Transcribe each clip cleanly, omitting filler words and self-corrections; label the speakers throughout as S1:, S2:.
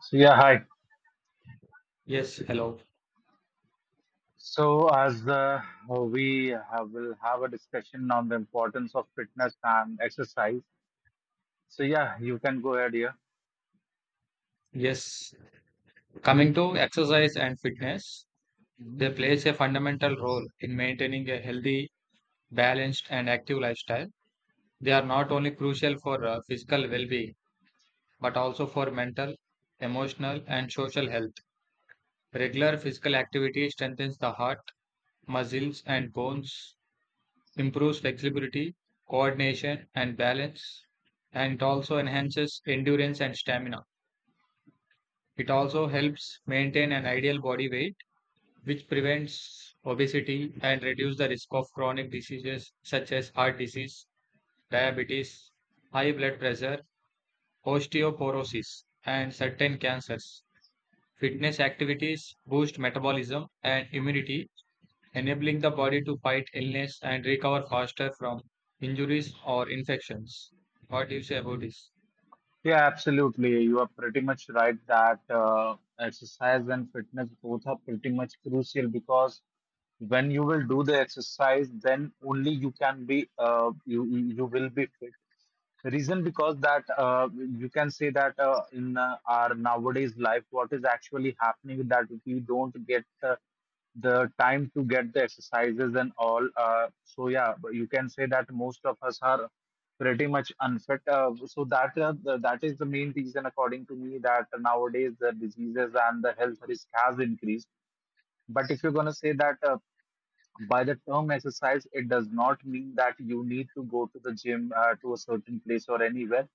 S1: So yeah, hi.
S2: Yes, hello.
S1: So as we have, will have a discussion on the importance of fitness and exercise. So yeah, you can go ahead here.
S2: Yes. Coming to exercise and fitness,
S1: Mhm.
S2: they plays a fundamental role in maintaining a healthy, balanced, and active lifestyle. They are not only crucial for physical well-being, but also for mental, emotional, and social health. Regular physical activity strengthens the heart, muscles, and bones, improves flexibility, coordination, and balance, and it also enhances endurance and stamina. It also helps maintain an ideal body weight which prevents obesity and reduces the risk of chronic diseases such as heart disease, diabetes, high blood pressure, osteoporosis, and certain cancers. Fitness activities boost metabolism and immunity, enabling the body to fight illness and recover faster from injuries or infections. What do you say about this?
S1: Yeah, absolutely. You are pretty much right that exercise and fitness both are pretty much crucial because when you will do the exercise then only you can be you will be fit reason because that you can say that in our nowadays life what is actually happening is that we don't get the time to get the exercises and all so yeah, but you can say that most of us are pretty much unfit, that is the main reason according to me that nowadays the diseases and the health risk has increased. But if you're going to say that by the term exercise, it does not mean that you need to go to the gym, to a certain place or anywhere.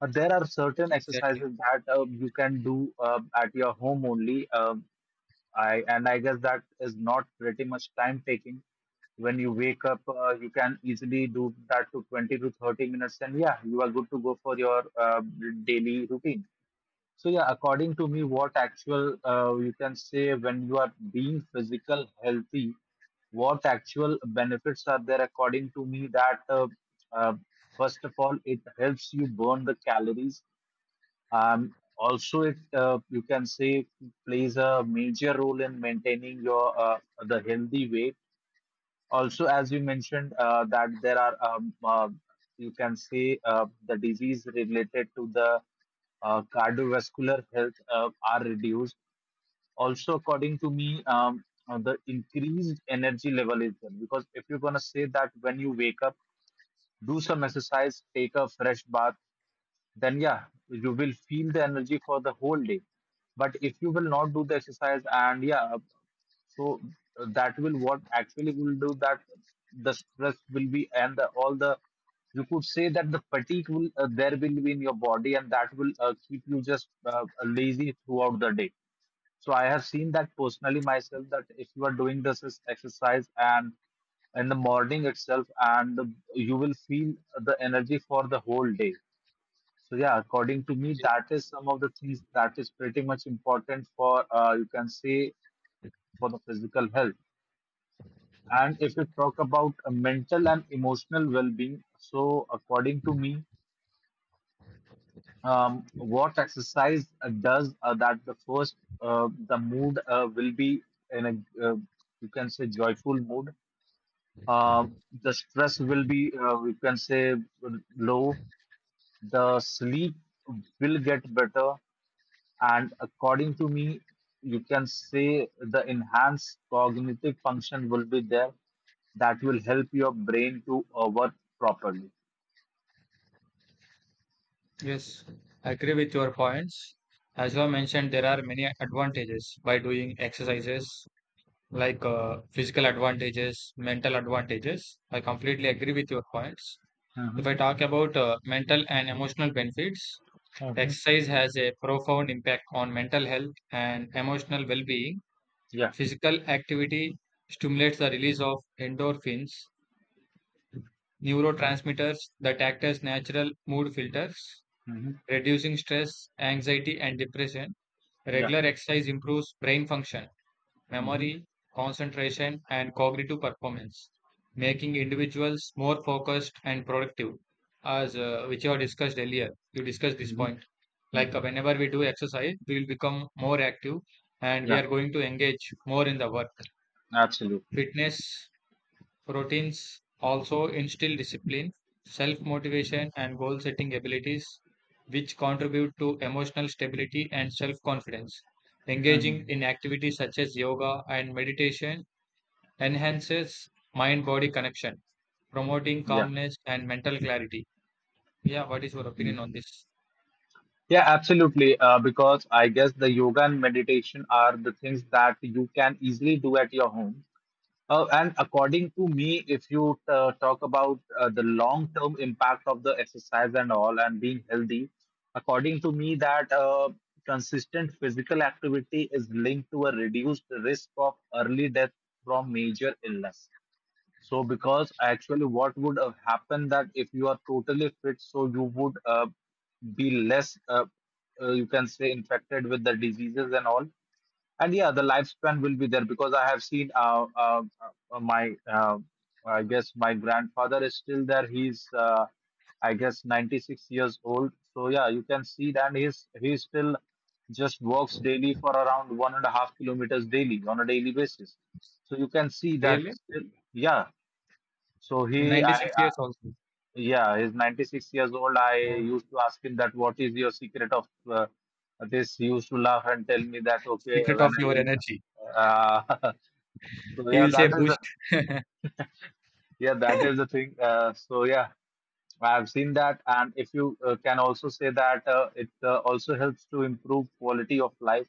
S1: There are certain
S2: Exactly.
S1: exercises that you can do at your home only. I and I guess that is not pretty much time taking. When you wake up, you can easily do that to 20 to 30 minutes, and yeah, you are good to go for your daily routine. So yeah, according to me, what actual, you can say, when you are being physical healthy, what actual benefits are there? According to me, that uh, first of all, it helps you burn the calories. Also, it you can say, plays a major role in maintaining your the healthy weight. Also, as you mentioned, that there are, you can say, the disease related to the cardiovascular health are reduced. Also, according to me, the increased energy level is there, because if you're gonna say that when you wake up, do some exercise, take a fresh bath, then yeah, you will feel the energy for the whole day. But if you will not do the exercise and yeah, so that will, what actually will do, that the stress will be and the, all the, you could say that the fatigue will there will be in your body, and that will keep you just lazy throughout the day. So I have seen that personally myself, that if you are doing this is exercise and in the morning itself, and you will feel the energy for the whole day. So yeah, according to me, that is some of the things that is pretty much important for, you can say, for the physical health. And if you talk about mental and emotional well being, so according to me, what exercise does that the first, the mood will be in a, you can say, joyful mood. Um, the stress will be, you can say, low. The sleep will get better. And according to me, you can say the enhanced cognitive function will be there, that will help your brain to work properly.
S2: Yes, I agree with your points. As you have mentioned, there are many advantages by doing exercises like physical advantages, mental advantages. I completely agree with your points. If
S1: Mm-hmm.
S2: I talk about mental and emotional benefits,
S1: Mm-hmm.
S2: exercise has a profound impact on mental health and emotional well being.
S1: Yeah.
S2: Physical activity stimulates the release of endorphins, neurotransmitters that act as natural mood filters,
S1: Mm-hmm.
S2: reducing stress, anxiety, and depression.
S1: Yeah.
S2: Regular exercise improves brain function
S1: Mm-hmm.
S2: memory, concentration, and cognitive performance, making individuals more focused and productive. As which you have discussed earlier, you discussed this
S1: Mm-hmm.
S2: point. Like
S1: Mm-hmm.
S2: whenever we do exercise, we will become more active and we
S1: Yeah,
S2: are going to engage more in the work.
S1: absolutely.
S2: Fitness routines also instill discipline, self motivation, and goal setting abilities, which contribute to emotional stability and self confidence engaging
S1: Mm-hmm.
S2: in activities such as yoga and meditation enhances mind body connection, promoting
S1: Yeah.
S2: calmness and mental clarity. Yeah, what is your opinion
S1: Mhm.
S2: on this?
S1: Yeah, absolutely. Because I guess the yoga and meditation are the things that you can easily do at your home. And according to me, if you talk about the long-term impact of the exercise and all and being healthy, according to me, that consistent physical activity is linked to a reduced risk of early death from major illness. So, because actually, what would have happened that if you are totally fit, so you would be less, you can say, infected with the diseases and all, and yeah, the lifespan will be there, because I have seen, my uh, I guess my grandfather is still there. He's I guess 96 years old, so yeah, you can see that he still just walks daily for around 1.5 kilometers daily on a daily basis. So you can see that
S2: Really?
S1: still, yeah. So
S2: In
S1: he
S2: 96
S1: I
S2: years also.
S1: yeah, he's 96 years old. I
S2: Oh,
S1: used to ask him that what is your secret of this? He used to laugh and tell me that okay,
S2: secret
S1: when
S2: of
S1: I
S2: your
S1: will.
S2: energy.
S1: Uh, so
S2: He
S1: yeah,
S2: will
S1: that
S2: say
S1: is the,
S2: boost.
S1: yeah, that is the thing. So yeah, I have seen that, and if you can also say that it also helps to improve quality of life,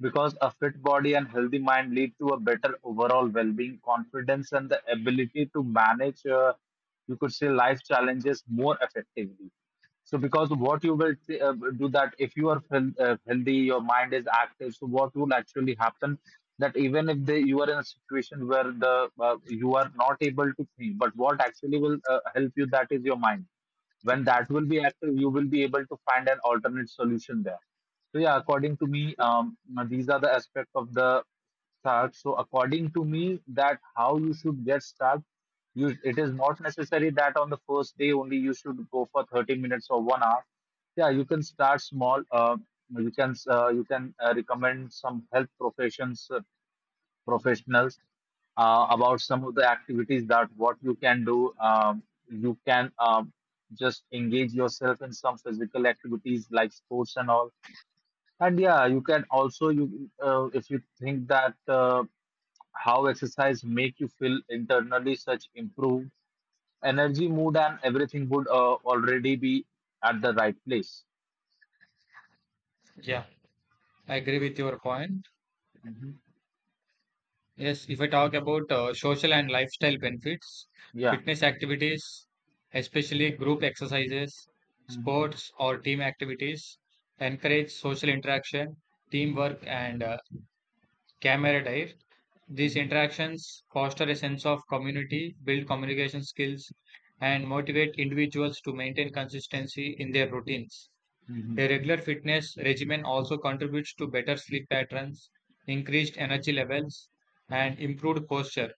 S1: because a fit body and healthy mind lead to a better overall well-being, confidence, and the ability to manage, you could say, life challenges more effectively. So because what you will say, do that if you are healthy, your mind is active, so what will actually happen, that even if they, you are in a situation where the you are not able to think, but what actually will help you, that is your mind. When that will be active, you will be able to find an alternate solution there. So yeah, according to me, these are the aspect of the start. So according to me, that how you should get start. You, it is not necessary that on the first day only you should go for 30 minutes or 1 hour. Yeah, you can start small. You can recommend some health professions professionals about some of the activities that what you can do. You can Just engage yourself in some physical activities like sports and all. And yeah, you can also, you if you think that, how exercise make you feel internally, such improved energy, mood, and everything would already be at the right place.
S2: Yeah, I agree with your point.
S1: Mhm.
S2: Yes, if I talk about social and lifestyle benefits,
S1: Yeah.
S2: fitness activities, especially group exercises,
S1: Mhm.
S2: sports or team activities, encourage social interaction, teamwork, and camaraderie. These
S1: Mhm.
S2: interactions foster a sense of community, build communication skills, and motivate individuals to maintain consistency in their routines.
S1: Mhm.
S2: A regular fitness regimen also contributes to better sleep patterns, increased energy levels, and improved posture,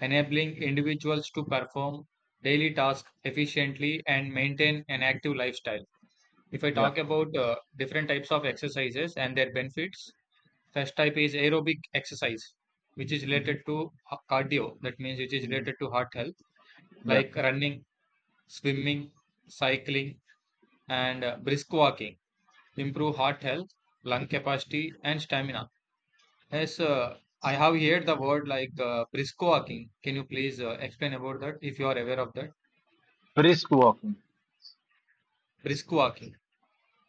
S2: enabling individuals to perform daily tasks efficiently and maintain an active lifestyle. If I
S1: Yeah.
S2: talk about different types of exercises and their benefits, first type is aerobic exercise, which is related to cardio. That means which is
S1: Mhm.
S2: related to heart health,
S1: Yeah.
S2: like running, swimming, cycling, and brisk walking, improve heart health, lung capacity, and stamina. Yes, I have heard the word like brisk walking. Can you please explain about that if you are aware of that?
S1: Brisk walking.
S2: Brisk walking.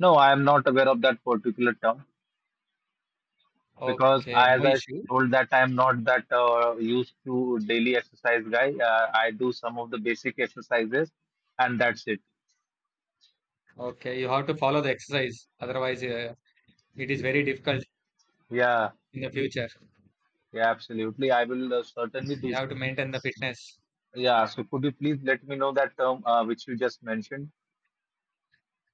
S1: No, I am not aware of that particular term, because
S2: Okay,
S1: I, as
S2: no
S1: I
S2: issue.
S1: told, that I am not that used to daily exercise guy. I do some of the basic exercises, and that's it.
S2: Okay, you have to follow the exercise. Otherwise, it is very difficult
S1: Yeah.
S2: in the future.
S1: Yeah, absolutely. I will certainly
S2: You
S1: do
S2: have
S1: so.
S2: to maintain the fitness.
S1: Yeah, so could you please let me know that term which you just mentioned?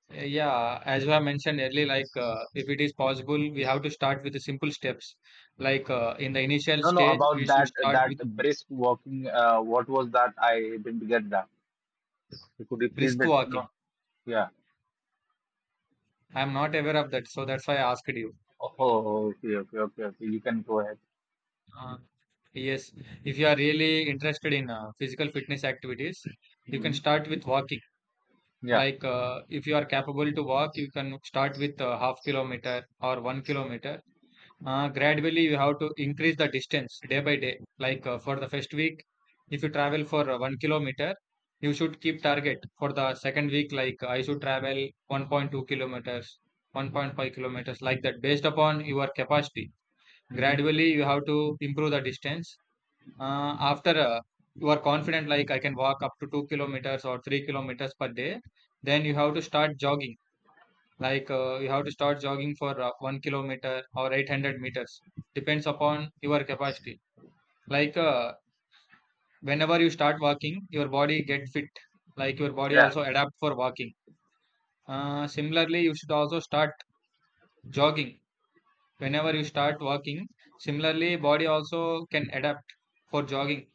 S2: Yeah, as I mentioned earlier, like if it is possible, we have to start with the simple steps. Like in the initial
S1: No, no,
S2: stage,
S1: about
S2: we should
S1: that
S2: start
S1: that
S2: with
S1: brisk walking. What was that? I didn't get that. So could you please
S2: brisk
S1: let me
S2: walking.
S1: know? Yeah.
S2: I'm not aware of that, so that's why I asked you.
S1: Oh, oh, okay, okay, okay, okay. You can go ahead.
S2: Uh, yes, if you are really interested in physical fitness activities, you can
S1: Hmm.
S2: start with walking.
S1: Yeah.
S2: Like if you are capable to walk, you can start with half kilometer or 1 kilometer. Gradually, you have to increase the distance day by day. Like for the first week, if you travel for 1 kilometer, you should keep target for the second week. Like I should travel 1.2 kilometers, 1.5 kilometers, like that, based upon your capacity.
S1: Hmm.
S2: Gradually, you have to improve the distance. After you are confident, like I can walk up to 2 kilometers or 3 kilometers per day, then you have to start jogging. Like you have to start jogging for 1 kilometer or 800 meters, depends upon your capacity. Like whenever you start walking, your body get
S1: Hmm.
S2: fit. Like your body
S1: Yeah.
S2: also adapt for walking. Similarly, you should also start jogging. Whenever you start walking, similarly body also can adapt for jogging.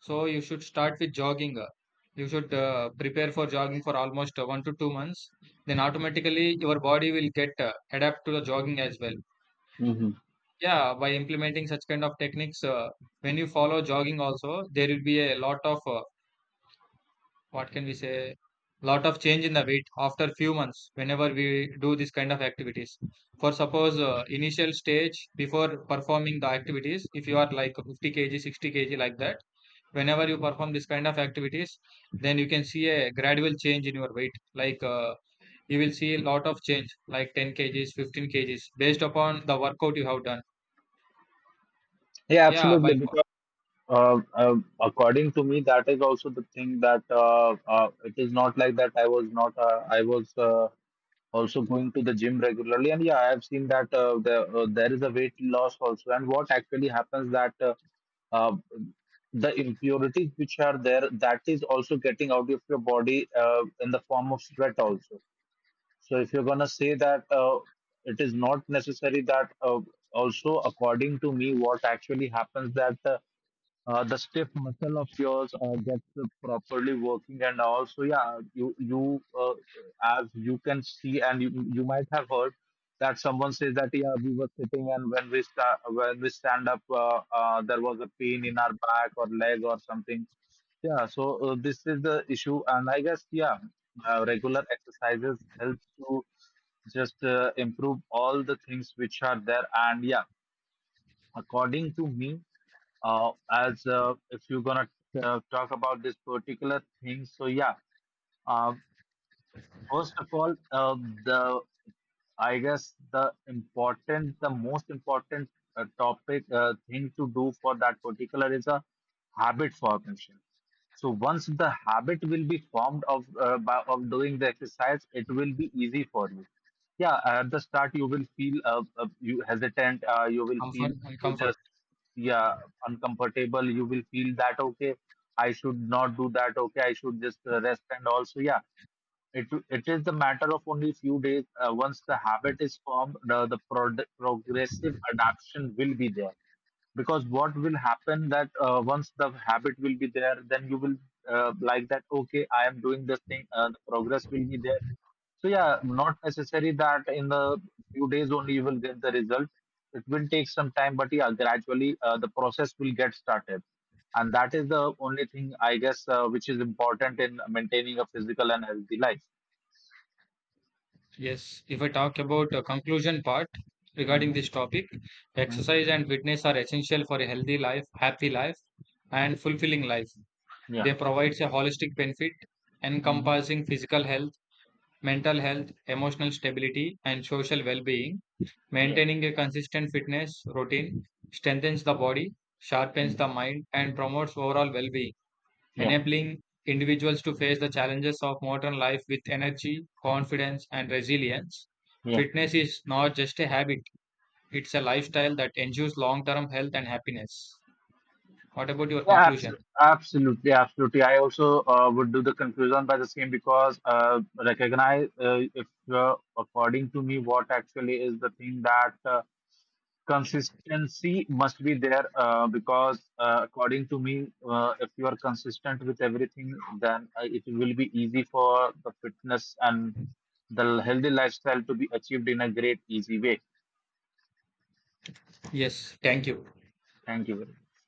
S2: So you should start with jogging. You should prepare for jogging for almost 1 to 2 months, then automatically your body will get adapt to the jogging as well.
S1: Hmm.
S2: Yeah, by implementing such kind of techniques, when you follow jogging also, there will be a lot of what can we say, lot of change in the weight after few months. Whenever we do this kind of activities, for suppose initial stage before performing the activities, if you are like 50 kg, 60 kg like that, whenever you perform this kind of activities, then you can see a gradual change in your weight. Like you will see a lot of change, like 10 kgs, 15 kgs, based upon the workout you have done.
S1: Yeah,
S2: Yeah,
S1: absolutely.
S2: by
S1: Because according to me, that is also the thing, that it is not like that. I was not. I was. Also going to the gym regularly, and yeah, I have seen that there is a weight loss also, and what actually happens that uh, the impurities which are there, that is also getting out of your body in the form of sweat also. So if you're going to say that, it is not necessary that also, according to me, what actually happens that the stiff muscle of yours gets properly working, and also yeah, you as you can see, and you might have heard that someone says that yeah, we were sitting, and when we stand up, there was a pain in our back or leg or something. Yeah, so this is the issue, and I guess yeah, regular exercises helps to just improve all the things which are there. And yeah, according to me, as if you're gonna, yeah, talk about this particular thing, so yeah, uh, first of all, the I guess the important the most important topic thing to do for that particular is a habit formation. So once the habit will be formed of, of doing the exercise, it will be easy for you. Yeah, at the start, you will feel you hesitant, you will feel,
S2: Comfort,
S1: you
S2: comfort.
S1: just yeah, uncomfortable. You will feel that okay, I should not do that, okay, I should just rest. And also yeah, it is the matter of only few days. Once the habit is formed, progressive adaption will be there. Because what will happen that once the habit will be there, then you will like that okay, I am doing this thing, the progress will be there. So yeah, not necessary that in the few days only you will get the result. It will take some time, but yeah, gradually the process will get started, and that is the only thing I guess which is important in maintaining a physical and healthy life.
S2: Yes. If I talk about the conclusion part regarding
S1: Mhm.
S2: this topic,
S1: Mhm.
S2: exercise and fitness are essential for a healthy life, happy life, and fulfilling life.
S1: Yeah.
S2: They provide a holistic benefit
S1: Mhm.
S2: encompassing physical health, mental health, emotional stability, and social well-being.
S1: Yeah.
S2: Maintaining a consistent fitness routine strengthens the body, sharpens
S1: Mhm.
S2: the mind, and promotes overall well-being,
S1: Yeah.
S2: enabling individuals to face the challenges of modern life with energy, confidence, and resilience.
S1: Yeah.
S2: Fitness is not just a habit, it's a lifestyle that ensures long term health and happiness. What about your
S1: Yeah,
S2: conclusion?
S1: absolutely, absolutely. I also would do the conclusion by the same, because recognize, if according to me, what actually is the thing, that consistency must be there, because according to me, if you are consistent with everything, then it will be easy for the fitness and the healthy lifestyle to be achieved in a great easy way.
S2: Yes, thank you.
S1: Thank you very much.